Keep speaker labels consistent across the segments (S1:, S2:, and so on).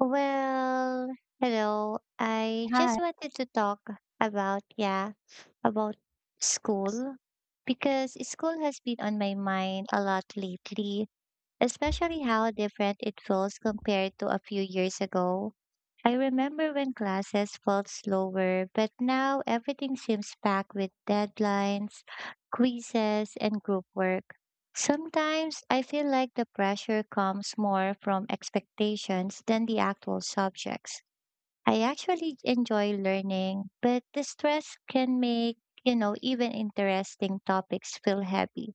S1: Well, hello. I just
S2: Hi.
S1: wanted to talk about, yeah, about school because school has been on my mind a lot lately, especially how different it feels compared to a few years ago. I remember when classes felt slower, but now everything seems packed with deadlines, quizzes, and group work. Sometimes I feel like the pressure comes more from expectations than the actual subjects. I actually enjoy learning, but the stress can make, even interesting topics feel heavy.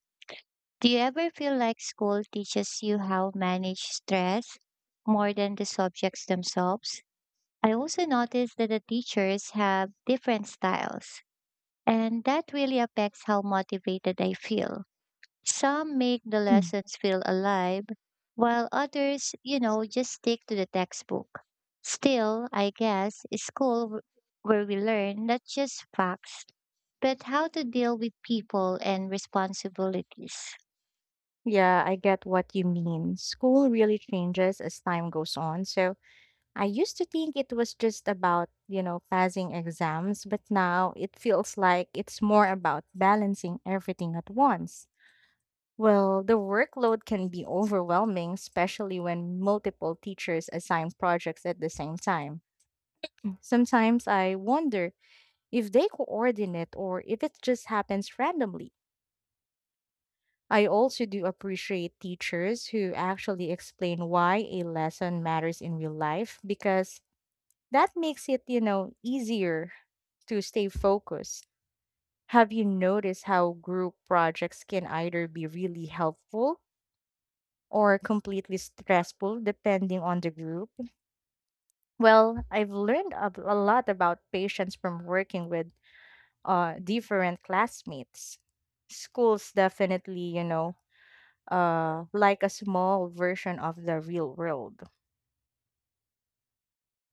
S1: Do you ever feel like school teaches you how to manage stress more than the subjects themselves? I also noticed that the teachers have different styles, and that really affects how motivated I feel. Some make the lessons feel alive, while others, just stick to the textbook. Still, I guess, is school where we learn not just facts, but how to deal with people and responsibilities.
S2: Yeah, I get what you mean. School really changes as time goes on. So I used to think it was just about, passing exams, but now it feels like it's more about balancing everything at once. Well, the workload can be overwhelming, especially when multiple teachers assign projects at the same time. Sometimes I wonder if they coordinate or if it just happens randomly. I also do appreciate teachers who actually explain why a lesson matters in real life because that makes it easier to stay focused. Have you noticed how group projects can either be really helpful or completely stressful depending on the group? Well, I've learned a lot about patience from working with different classmates. Schools definitely, like a small version of the real world.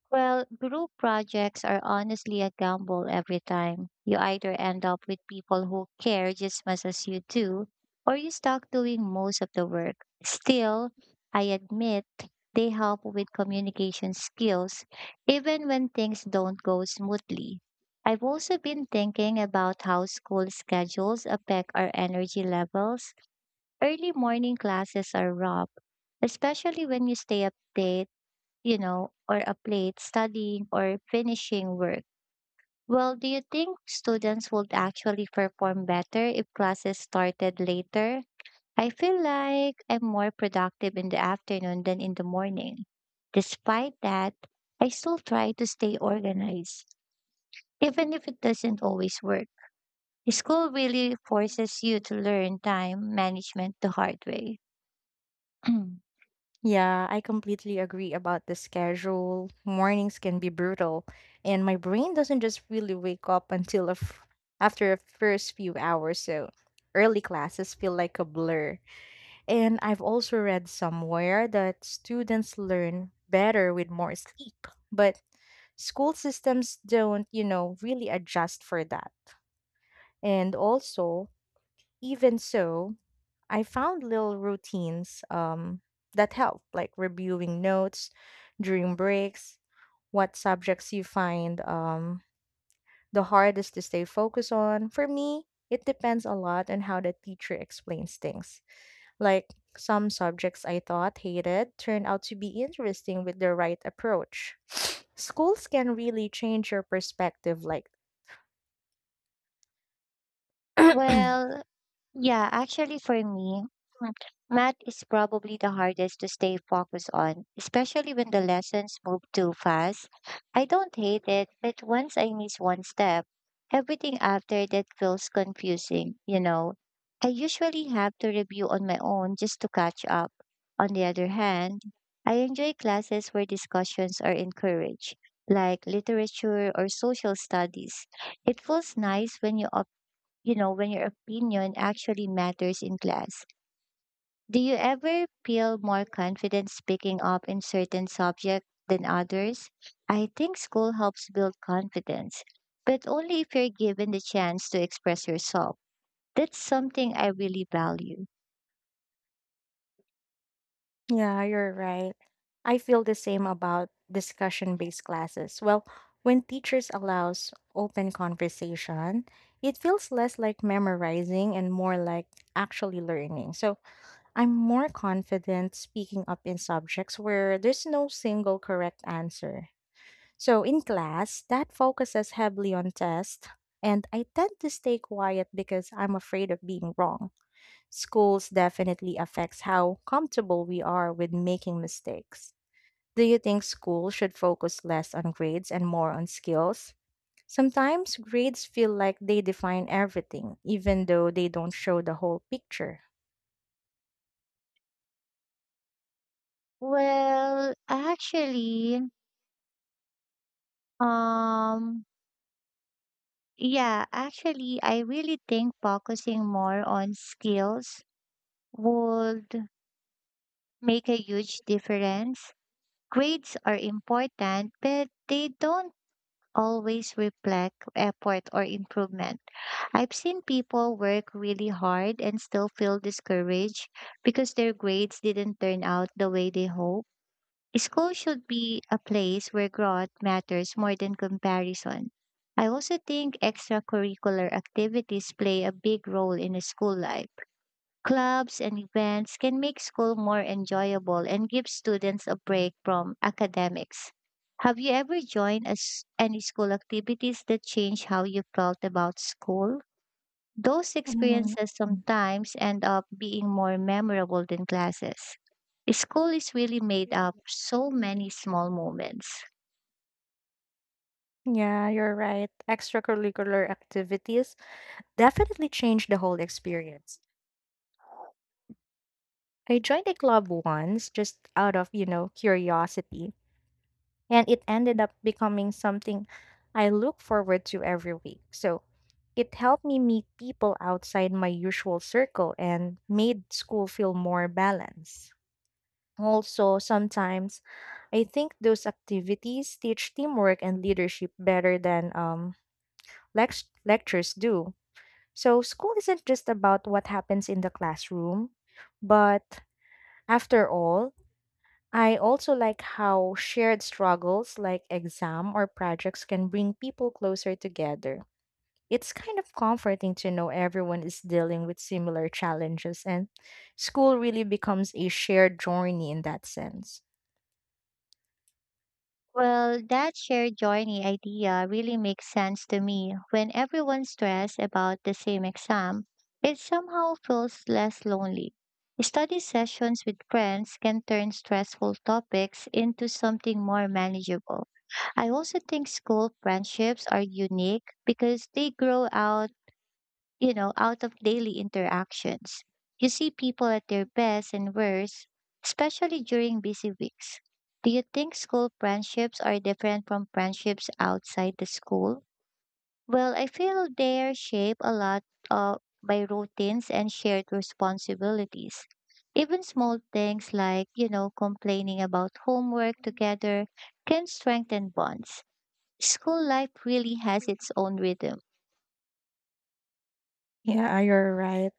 S1: Well, group projects are honestly a gamble every time. You either end up with people who care just as much as you do, or you start doing most of the work. Still, I admit they help with communication skills, even when things don't go smoothly. I've also been thinking about how school schedules affect our energy levels. Early morning classes are rough, especially when you stay up late or a plate studying or finishing work. Well, do you think students would actually perform better if classes started later? I feel like I'm more productive in the afternoon than in the morning. Despite that, I still try to stay organized, even if it doesn't always work. School really forces you to learn time management the hard way.
S2: Yeah, I completely agree about the schedule. Mornings can be brutal, and my brain doesn't just really wake up until after a first few hours. So early classes feel like a blur. And I've also read somewhere that students learn better with more sleep, but school systems don't, really adjust for that. And also, even so, I found little routines that help, like reviewing notes during breaks, what subjects you find the hardest to stay focused on. For me, it depends a lot on how the teacher explains things. Like some subjects I thought hated turned out to be interesting with the right approach. Schools can really change your perspective like.
S1: well, Yeah, actually, for me, mm, math is probably the hardest to stay focused on, especially when the lessons move too fast. I don't hate it, but once I miss one step, everything after that feels confusing. I usually have to review on my own just to catch up. On the other hand, I enjoy classes where discussions are encouraged, like literature or social studies. It feels nice when when your opinion actually matters in class. Do you ever feel more confident speaking up in certain subjects than others? I think school helps build confidence, but only if you're given the chance to express yourself. That's something I really value.
S2: Yeah, you're right. I feel the same about discussion-based classes. Well, when teachers allows open conversation, it feels less like memorizing and more like actually learning. So, I'm more confident speaking up in subjects where there's no single correct answer. So, in class, that focuses heavily on tests, and I tend to stay quiet because I'm afraid of being wrong. Schools definitely affects how comfortable we are with making mistakes. Do you think school should focus less on grades and more on skills? Sometimes grades feel like they define everything, even though they don't show the whole picture.
S1: Well, actually, um, yeah, actually, I really think focusing more on skills would make a huge difference. Grades are important, but they don't always reflect effort or improvement. I've seen people work really hard and still feel discouraged because their grades didn't turn out the way they hoped. School should be a place where growth matters more than comparison. I also think extracurricular activities play a big role in a school life. Clubs and events can make school more enjoyable and give students a break from academics. Have you ever joined a s any school activities that changed how you felt about school? Those
S2: Mm,
S1: experiences sometimes end up being more memorable than classes. School is really made up so many small moments.
S2: yeah, you're right. Extracurricular activities definitely change the whole experience. I joined a club once just out of, curiosity, and it ended up becoming something I look forward to every week. So it helped me meet people outside my usual circle and made school feel more balanced. Also, sometimes I think those activities teach teamwork and leadership better than lectures do. So, school isn't just about what happens in the classroom, but after all, I also like how shared struggles like exam or projects can bring people closer together. It's kind of comforting to know everyone is dealing with similar challenges, and school really becomes a shared journey in that sense.
S1: Well, that shared journey idea really makes sense to me. When everyone's stressed about the same exam, it somehow feels less lonely. Study sessions with friends can turn stressful topics into something more manageable. I also think school friendships are unique because they grow out you know, out of daily interactions. You see people at their best and worst, especially during busy weeks. Do you think school friendships are different from friendships outside the school? Well, I feel they are shaped a lot uh, by routines and shared responsibilities. Even small things like, complaining about homework together can strengthen bonds. School life really has its own rhythm.
S2: Yeah, you're right.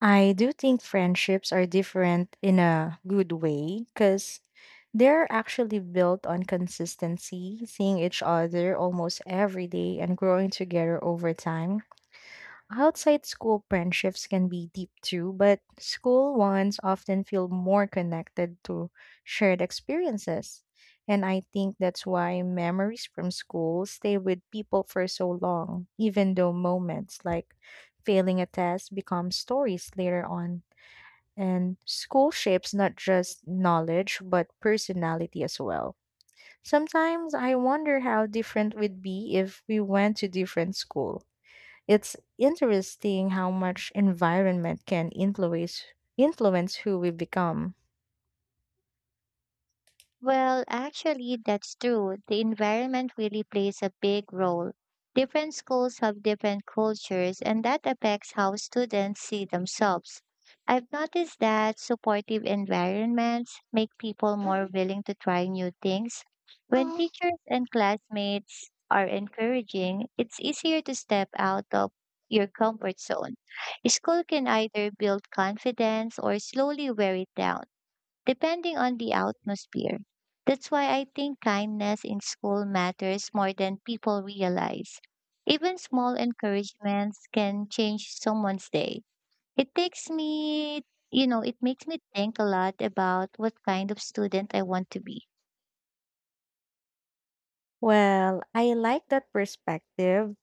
S2: I do think friendships are different in a good way because they're actually built on consistency, seeing each other almost every day, and growing together over time. Outside school friendships can be deep too, but school ones often feel more connected to shared experiences. And I think that's why memories from school stay with people for so long, even though moments like failing a test become stories later on. And school shapes not just knowledge, but personality as well. Sometimes I wonder how different we'd be if we went to different school. It's interesting how much environment can influence who we become.
S1: Well, actually, that's true. The environment really plays a big role. Different schools have different cultures, and that affects how students see themselves. I've noticed that supportive environments make people more willing to try new things. When teachers and classmates are encouraging, it's easier to step out of your comfort zone. School can either build confidence or slowly wear it down depending on the atmosphere. That's why I think kindness in school matters more than people realize. Even small encouragements can change someone's day. It takes me, you know, it makes me think a lot about what kind of student I want to be.
S2: Well, I like that perspective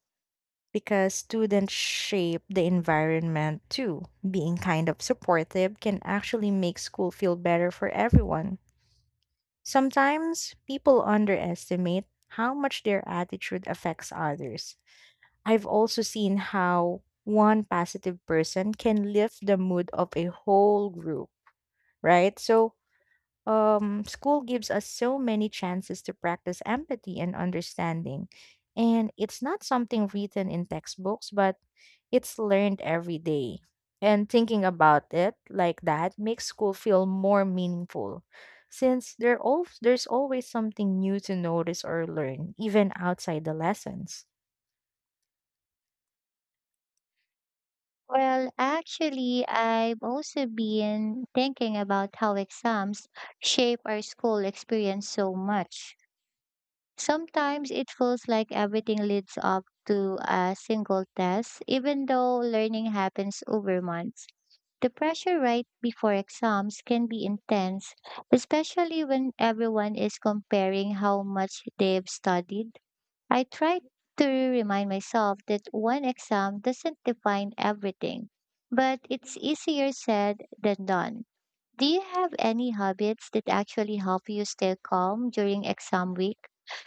S2: because students shape the environment too. Being kind of supportive can actually make school feel better for everyone. Sometimes people underestimate how much their attitude affects others. I've also seen how one positive person can lift the mood of a whole group, right? So school gives us so many chances to practice empathy and understanding. And it's not something written in textbooks, but it's learned every day. And thinking about it like that makes school feel more meaningful since there's always something new to notice or learn, even outside the lessons.
S1: Well, actually, I've also been thinking about how exams shape our school experience so much. Sometimes it feels like everything leads up to a single test, even though learning happens over months. The pressure right before exams can be intense, especially when everyone is comparing how much they've studied. I try to remind myself that one exam doesn't define everything, but it's easier said than done. Do you have any habits that actually help you stay calm during exam week?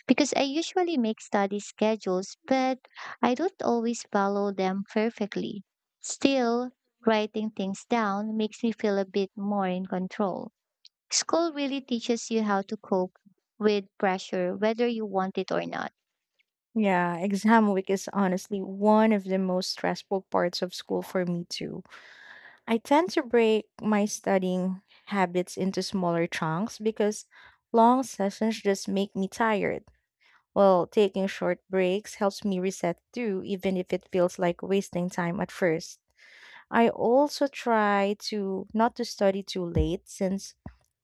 S1: Because I usually make study schedules, but I don't always follow them perfectly. Still, writing things down makes me feel a bit more in control. School really teaches you how to cope with pressure, whether you want it or not.
S2: Yeah, exam week is honestly one of the most stressful parts of school for me, too. I tend to break my studying habits into smaller chunks because long sessions just make me tired. Well, taking short breaks helps me reset too, even if it feels like wasting time at first. I also try to not to study too late since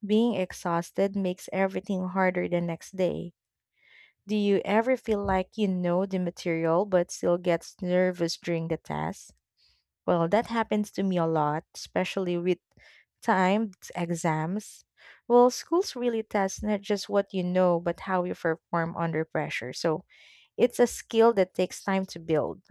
S2: being exhausted makes everything harder the next day. Do you ever feel like you know the material but still gets nervous during the test? Well, that happens to me a lot, especially with timed exams. Well, schools really test not just what you know, but how you perform under pressure. So it's a skill that takes time to build.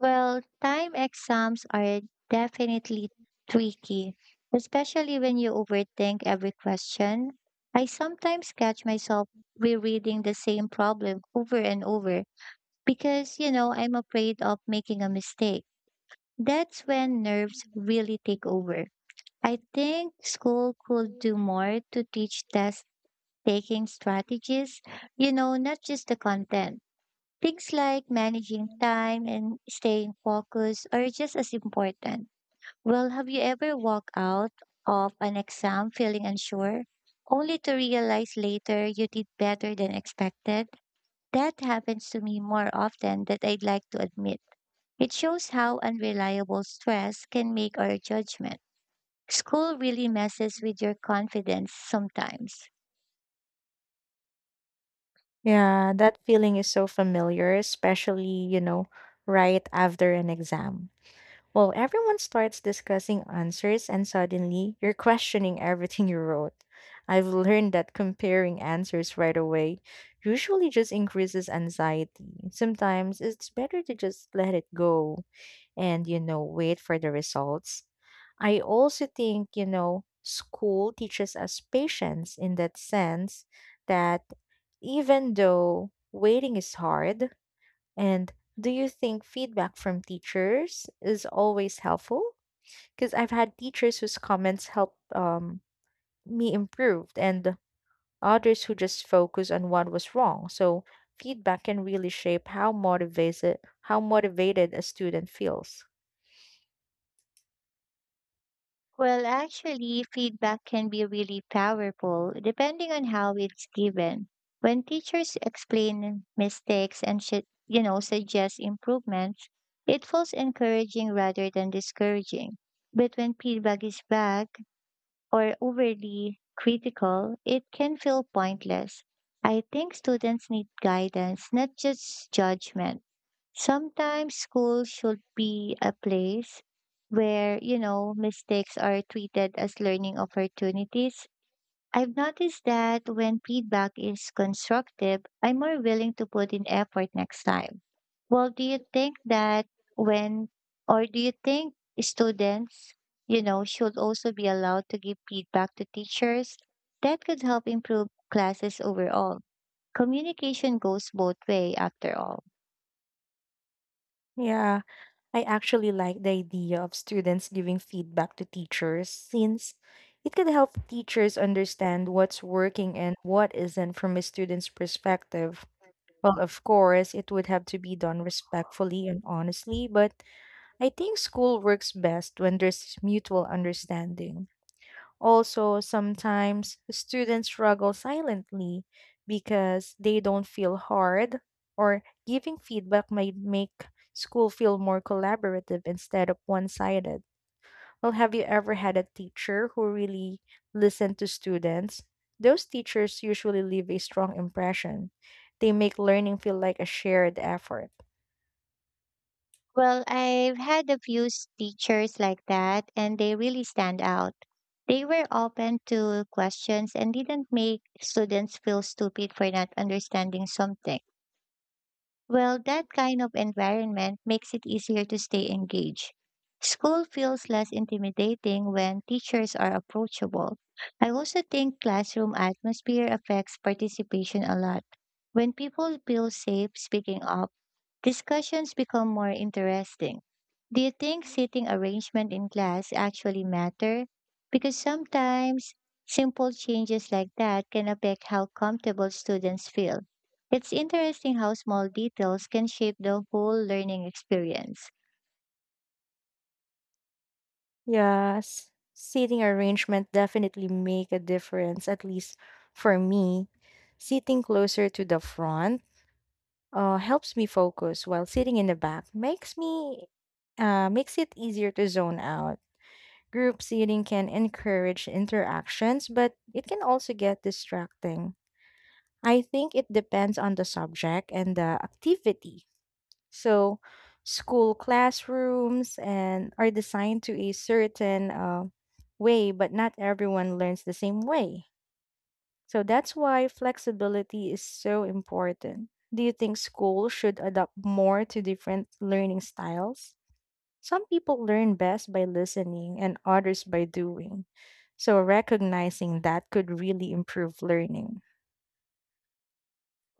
S1: Well, time exams are definitely tricky, especially when you overthink every question. I sometimes catch myself rereading the same problem over and over because, I'm afraid of making a mistake. That's when nerves really take over. I think school could do more to teach test taking strategies, not just the content. Things like managing time and staying focused are just as important. Well, have you ever walked out of an exam feeling unsure, only to realize later you did better than expected? That happens to me more often than I'd like to admit. It shows how unreliable stress can make our judgment. School really messes with your confidence sometimes. М.
S2: Yeah, that feeling is so familiar, especially, right after an exam. Well, everyone starts discussing answers, and suddenly you're questioning everything you wrote. I've learned that comparing answers right away usually just increases anxiety. Sometimes it's better to just let it go and wait for the results. I also think, school teaches us patience in that sense that even though waiting is hard, and do you think feedback from teachers is always helpful? Because I've had teachers whose comments helped me improve and others who just focus on what was wrong. So feedback can really shape how motivated a student feels.
S1: Well, actually, feedback can be really powerful depending on how it's given. When teachers explain mistakes and should, suggest improvements, it feels encouraging rather than discouraging. But when feedback is vague, or overly critical, it can feel pointless. I think students need guidance, not just judgment. Sometimes school should be a place where, mistakes are treated as learning opportunities. I've noticed that when feedback is constructive, I'm more willing to put in effort next time. Well, when, do you think students, should also be allowed to give feedback to teachers? That could help improve classes overall. Communication goes both way after all.
S2: Yeah, I actually like the idea of students giving feedback to teachers since it could help teachers understand what's working and what isn't from a student's perspective. Well, of course, it would have to be done respectfully and honestly, but I think school works best when there's mutual understanding. Also, sometimes students struggle silently because they don't feel hard, or giving feedback might make school feel more collaborative instead of one sided. Well, have you ever had a teacher who really listened to students? Those teachers usually leave a strong impression. They make learning feel like a shared effort.
S1: Well, I've had a few teachers like that, and they really stand out. They were open to questions and didn't make students feel stupid for not understanding something. Well, that kind of environment makes it easier to stay engaged. School feels less intimidating when teachers are approachable. I also think classroom atmosphere affects participation a lot. When people feel safe speaking up, discussions become more interesting. Do you think seating arrangement in class actually matter? Because sometimes simple changes like that can affect how comfortable students feel. It's interesting how small details can shape the whole learning experience.
S2: Yes, seating arrangement definitely make a difference, at least for me. Sitting closer to the front helps me focus, while sitting in the back makes it easier to zone out. Group seating can encourage interactions, but it can also get distracting. I think it depends on the subject and the activity. So, school classrooms and are designed to a certain way, but not everyone learns the same way. So that's why flexibility is so important. Do you think school should adapt more to different learning styles? Some people learn best by listening and others by doing. So recognizing that could really improve learning.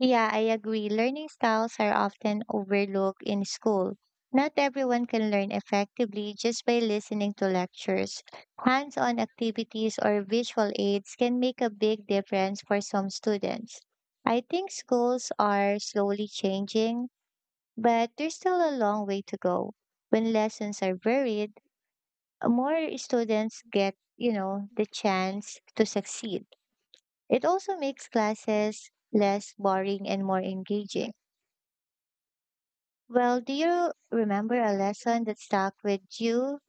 S1: Yeah, I agree. Learning styles are often overlooked in school. Not everyone can learn effectively just by listening to lectures. Hands on activities or visual aids can make a big difference for some students. I think schools are slowly changing, but there's still a long way to go. When lessons are varied, more students get, the chance to succeed. It also makes classes less boring and more engaging. Well, do you remember a lesson that stuck with you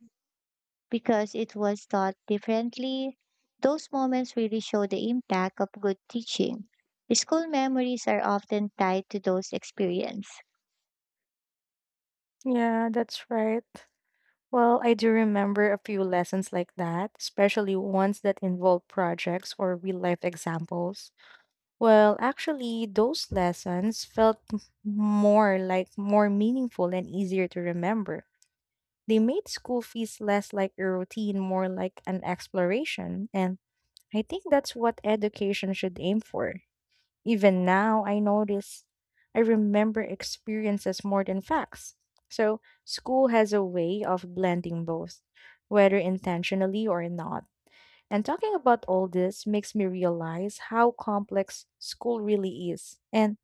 S1: because it was taught differently? Those moments really show the impact of good teaching. School memories are often tied to those experiences.
S2: Yeah, that's right. Well, I do remember a few lessons like that, especially ones that involve projects or real life examples. Well, actually, those lessons felt more meaningful and easier to remember. They made school fees less like a routine, more like an exploration. And I think that's what education should aim for. Even now, I notice I remember experiences more than facts. So, school has a way of blending both, whether intentionally or not. And talking about all this makes me realize how complex school really is. And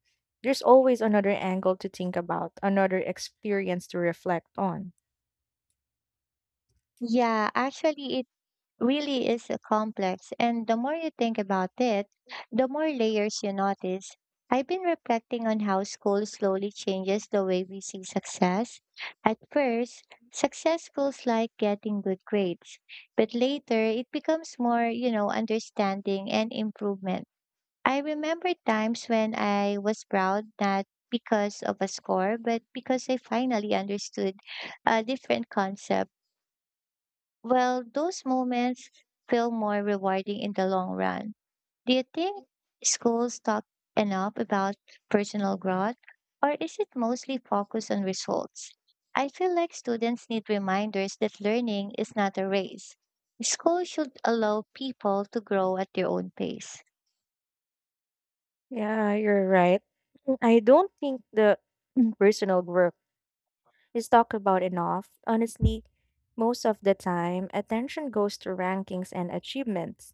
S2: there's always another angle to think about, another experience to reflect on.
S1: Yeah, actually, it really is a complex. And the more you think about it, the more layers you notice. I've been reflecting on how school slowly changes the way we see success. At first, success feels like getting good grades, but later it becomes more, understanding and improvement. I remember times when I was proud not because of a score, but because I finally understood a different concept. Well, those moments feel more rewarding in the long run. Do you think schools talk enough about personal growth, or is it mostly focused on results? I feel like students need reminders that learning is not a race. Schools should allow people to grow at their own pace.
S2: Yeah, you're right. I don't think the personal growth is talked about enough. Honestly, most of the time, attention goes to rankings and achievements.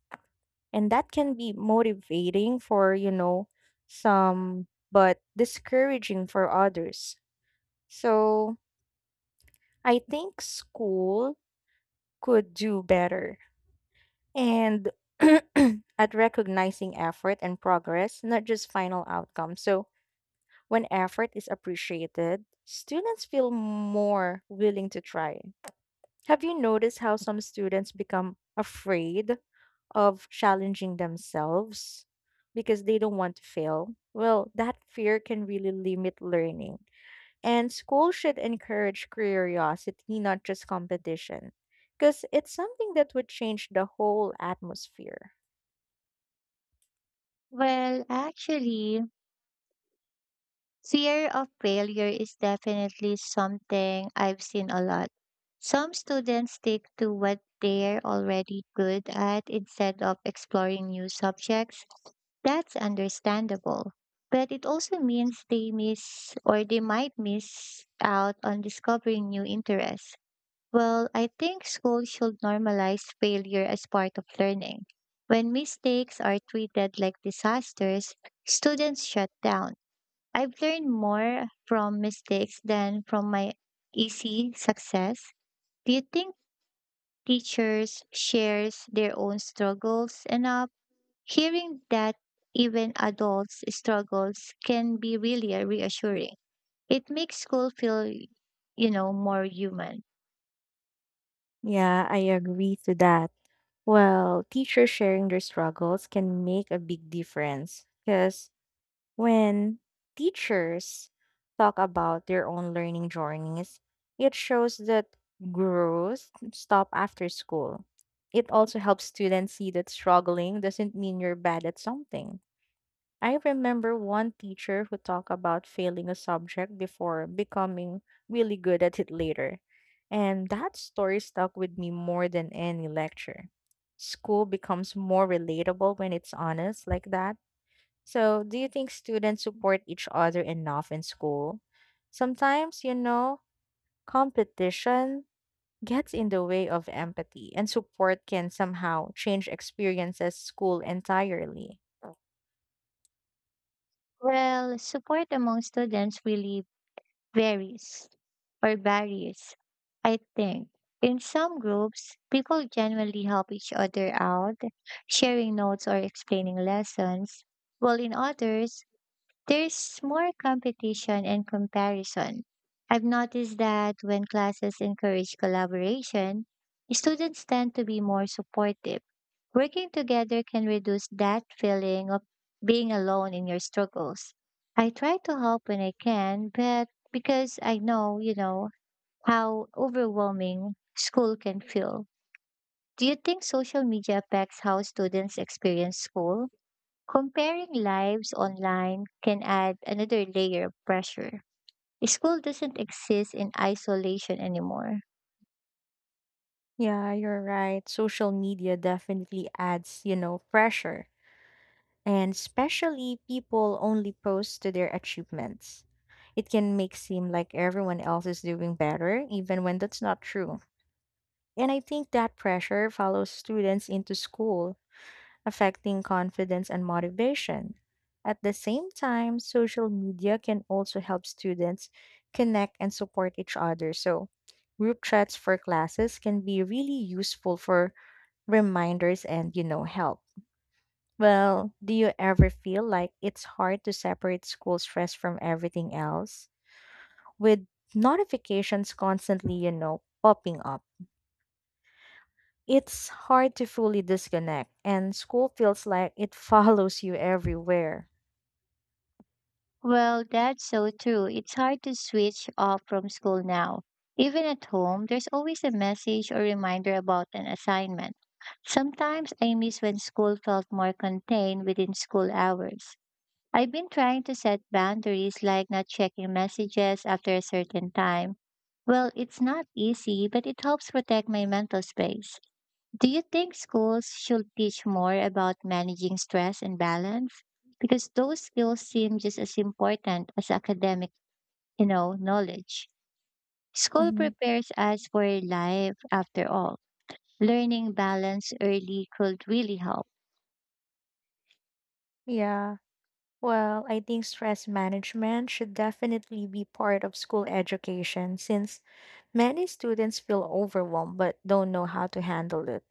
S2: And that can be motivating for, some, but discouraging for others. So I think school could do better. And at recognizing effort and progress, not just final outcome. So when effort is appreciated, students feel more willing to try. Have you noticed how some students become afraid of challenging themselves because they don't want to fail? Well, that fear can really limit learning. And school should encourage curiosity, not just competition, because it's something that would change the whole atmosphere.
S1: Well, actually, fear of failure is definitely something I've seen a lot. Some students stick to what they're already good at instead of exploring new subjects. That's understandable. But it also means they might miss out on discovering new interests. Well, I think school should normalize failure as part of learning. When mistakes are treated like disasters, students shut down. I've learned more from mistakes than from my easy success. Do you think teachers shares their own struggles enough? Hearing that even adults struggles can be really reassuring. It makes school feel, more human.
S2: Yeah, I agree to that. Well, teachers sharing their struggles can make a big difference because when teachers talk about their own learning journeys, it shows that growth stop after school. It also helps students see that struggling doesn't mean you're bad at something. I remember one teacher who talked about failing a subject before becoming really good at it later. And that story stuck with me more than any lecture. School becomes more relatable when it's honest like that. So, do you think students support each other enough in school? Sometimes, competition gets in the way of empathy, and support can somehow change experiences school entirely.
S1: Well, support among students really varies or varies. I think in some groups, people genuinely help each other out, sharing notes or explaining lessons, while in others, there's more competition and comparison. I've noticed that when classes encourage collaboration, students tend to be more supportive. Working together can reduce that feeling of being alone in your struggles. I try to help when I can, but because I know, you know, how overwhelming school can feel. Do you think social media affects how students experience school? Comparing lives online can add another layer of pressure. School doesn't exist in isolation anymore.
S2: Yeah, you're right. Social media definitely adds, pressure. And especially people only post to their achievements. It can make seem like everyone else is doing better, even when that's not true. And I think that pressure follows students into school affecting confidence and motivation. At the same time, social media can also help students connect and support each other. So, group chats for classes can be really useful for reminders and, help. Well, do you ever feel like it's hard to separate school stress from everything else? With notifications constantly, popping up, it's hard to fully disconnect, and school feels like it follows you everywhere.
S1: Well, that's so true. It's hard to switch off from school now. Even at home, there's always a message or reminder about an assignment. Sometimes I miss when school felt more contained within school hours. I've been trying to set boundaries like not checking messages after a certain time. Well, it's not easy, but it helps protect my mental space. Do you think schools should teach more about managing stress and balance? Because those skills seem just as important as academic, knowledge. School
S2: Mhm.
S1: prepares us for life after all. Learning balance early could really help.
S2: Yeah. Well, I think stress management should definitely be part of school education since many students feel overwhelmed but don't know how to handle it.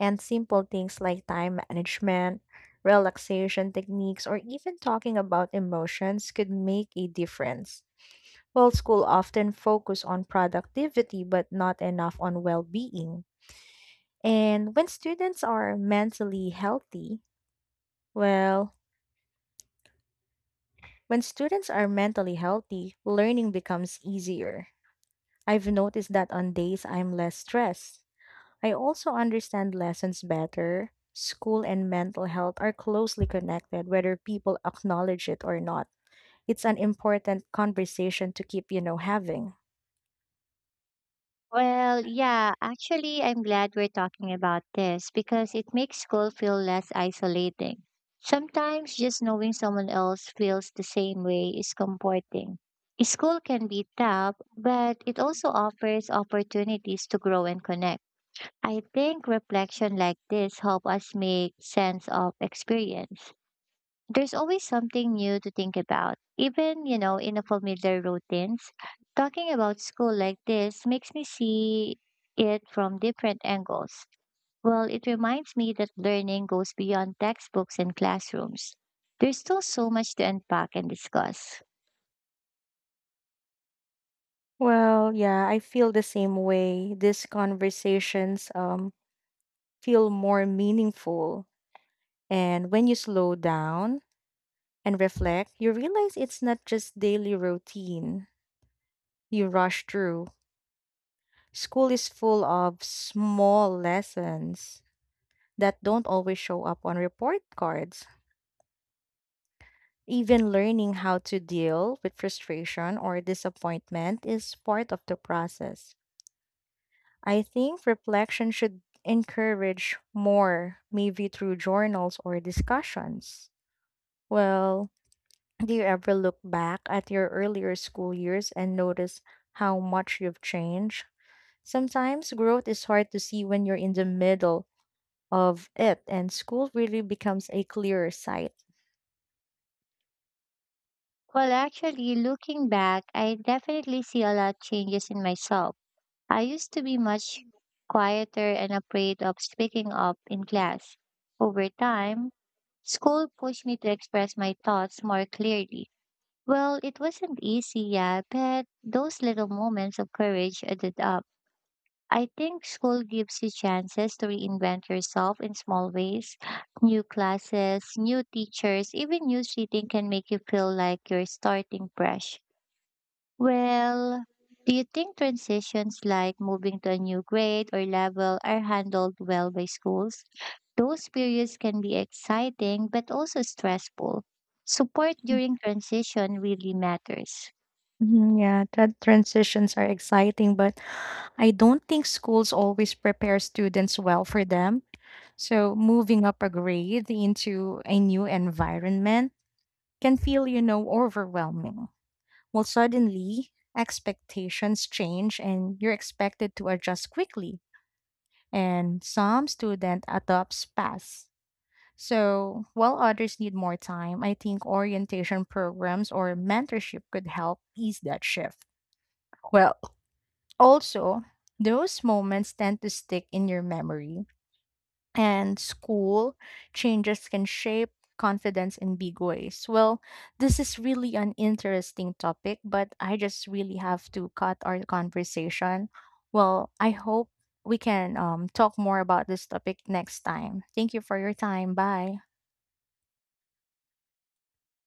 S2: And simple things like time management, relaxation techniques, or even talking about emotions could make a difference. While school often focus on productivity but not enough on well-being. And when students are mentally healthy, well, when students are mentally healthy, learning becomes easier. I've noticed that on days I'm less stressed. I also understand lessons better. School and mental health are closely connected, whether people acknowledge it or not. It's an important conversation to keep, having.
S1: Well, yeah, actually, I'm glad we're talking about this because it makes school feel less isolating. Sometimes just knowing someone else feels the same way is comforting. School can be tough, but it also offers opportunities to grow and connect. I think reflection like this help us make sense of experience. There's always something new to think about, even, in a familiar routines. Talking about school like this makes me see it from different angles. Well, it reminds me that learning goes beyond textbooks and classrooms. There's still so much to unpack and discuss.
S2: Well, yeah, I feel the same way. These conversations feel more meaningful. And when you slow down and reflect, you realize it's not just daily routine you rush through. School is full of small lessons that don't always show up on report cards. Even learning how to deal with frustration or disappointment is part of the process. I think reflection should encourage more, maybe through journals or discussions. Well, do you ever look back at your earlier school years and notice how much you've changed? Sometimes growth is hard to see when you're in the middle of it, and school really becomes a clearer sight.
S1: Well, actually, looking back, I definitely see a lot changes in myself. I used to be much quieter and afraid of speaking up in class. Over time, school pushed me to express my thoughts more clearly. Well, it wasn't easy yet, but those little moments of courage added up. I think school gives you chances to reinvent yourself in small ways. New classes, new teachers, even new seating can make you feel like you're starting fresh. Well, do you think transitions like moving to a new grade or level are handled well by schools? Those periods can be exciting but also stressful. Support during transition really matters.
S2: Mhm. Yeah, that transitions are exciting, but I don't think schools always prepare students well for them. So moving up a grade into a new environment can feel, overwhelming. Well, suddenly expectations change and you're expected to adjust quickly. And some students adopt fast, so, while others need more time, I think orientation programs or mentorship could help ease that shift. Well, also, those moments tend to stick in your memory, and school changes can shape confidence in big ways. Well, this is really an interesting topic, but I just really have to cut our conversation. Well, I hope we can talk more about this topic next time. Thank you for your time. Bye.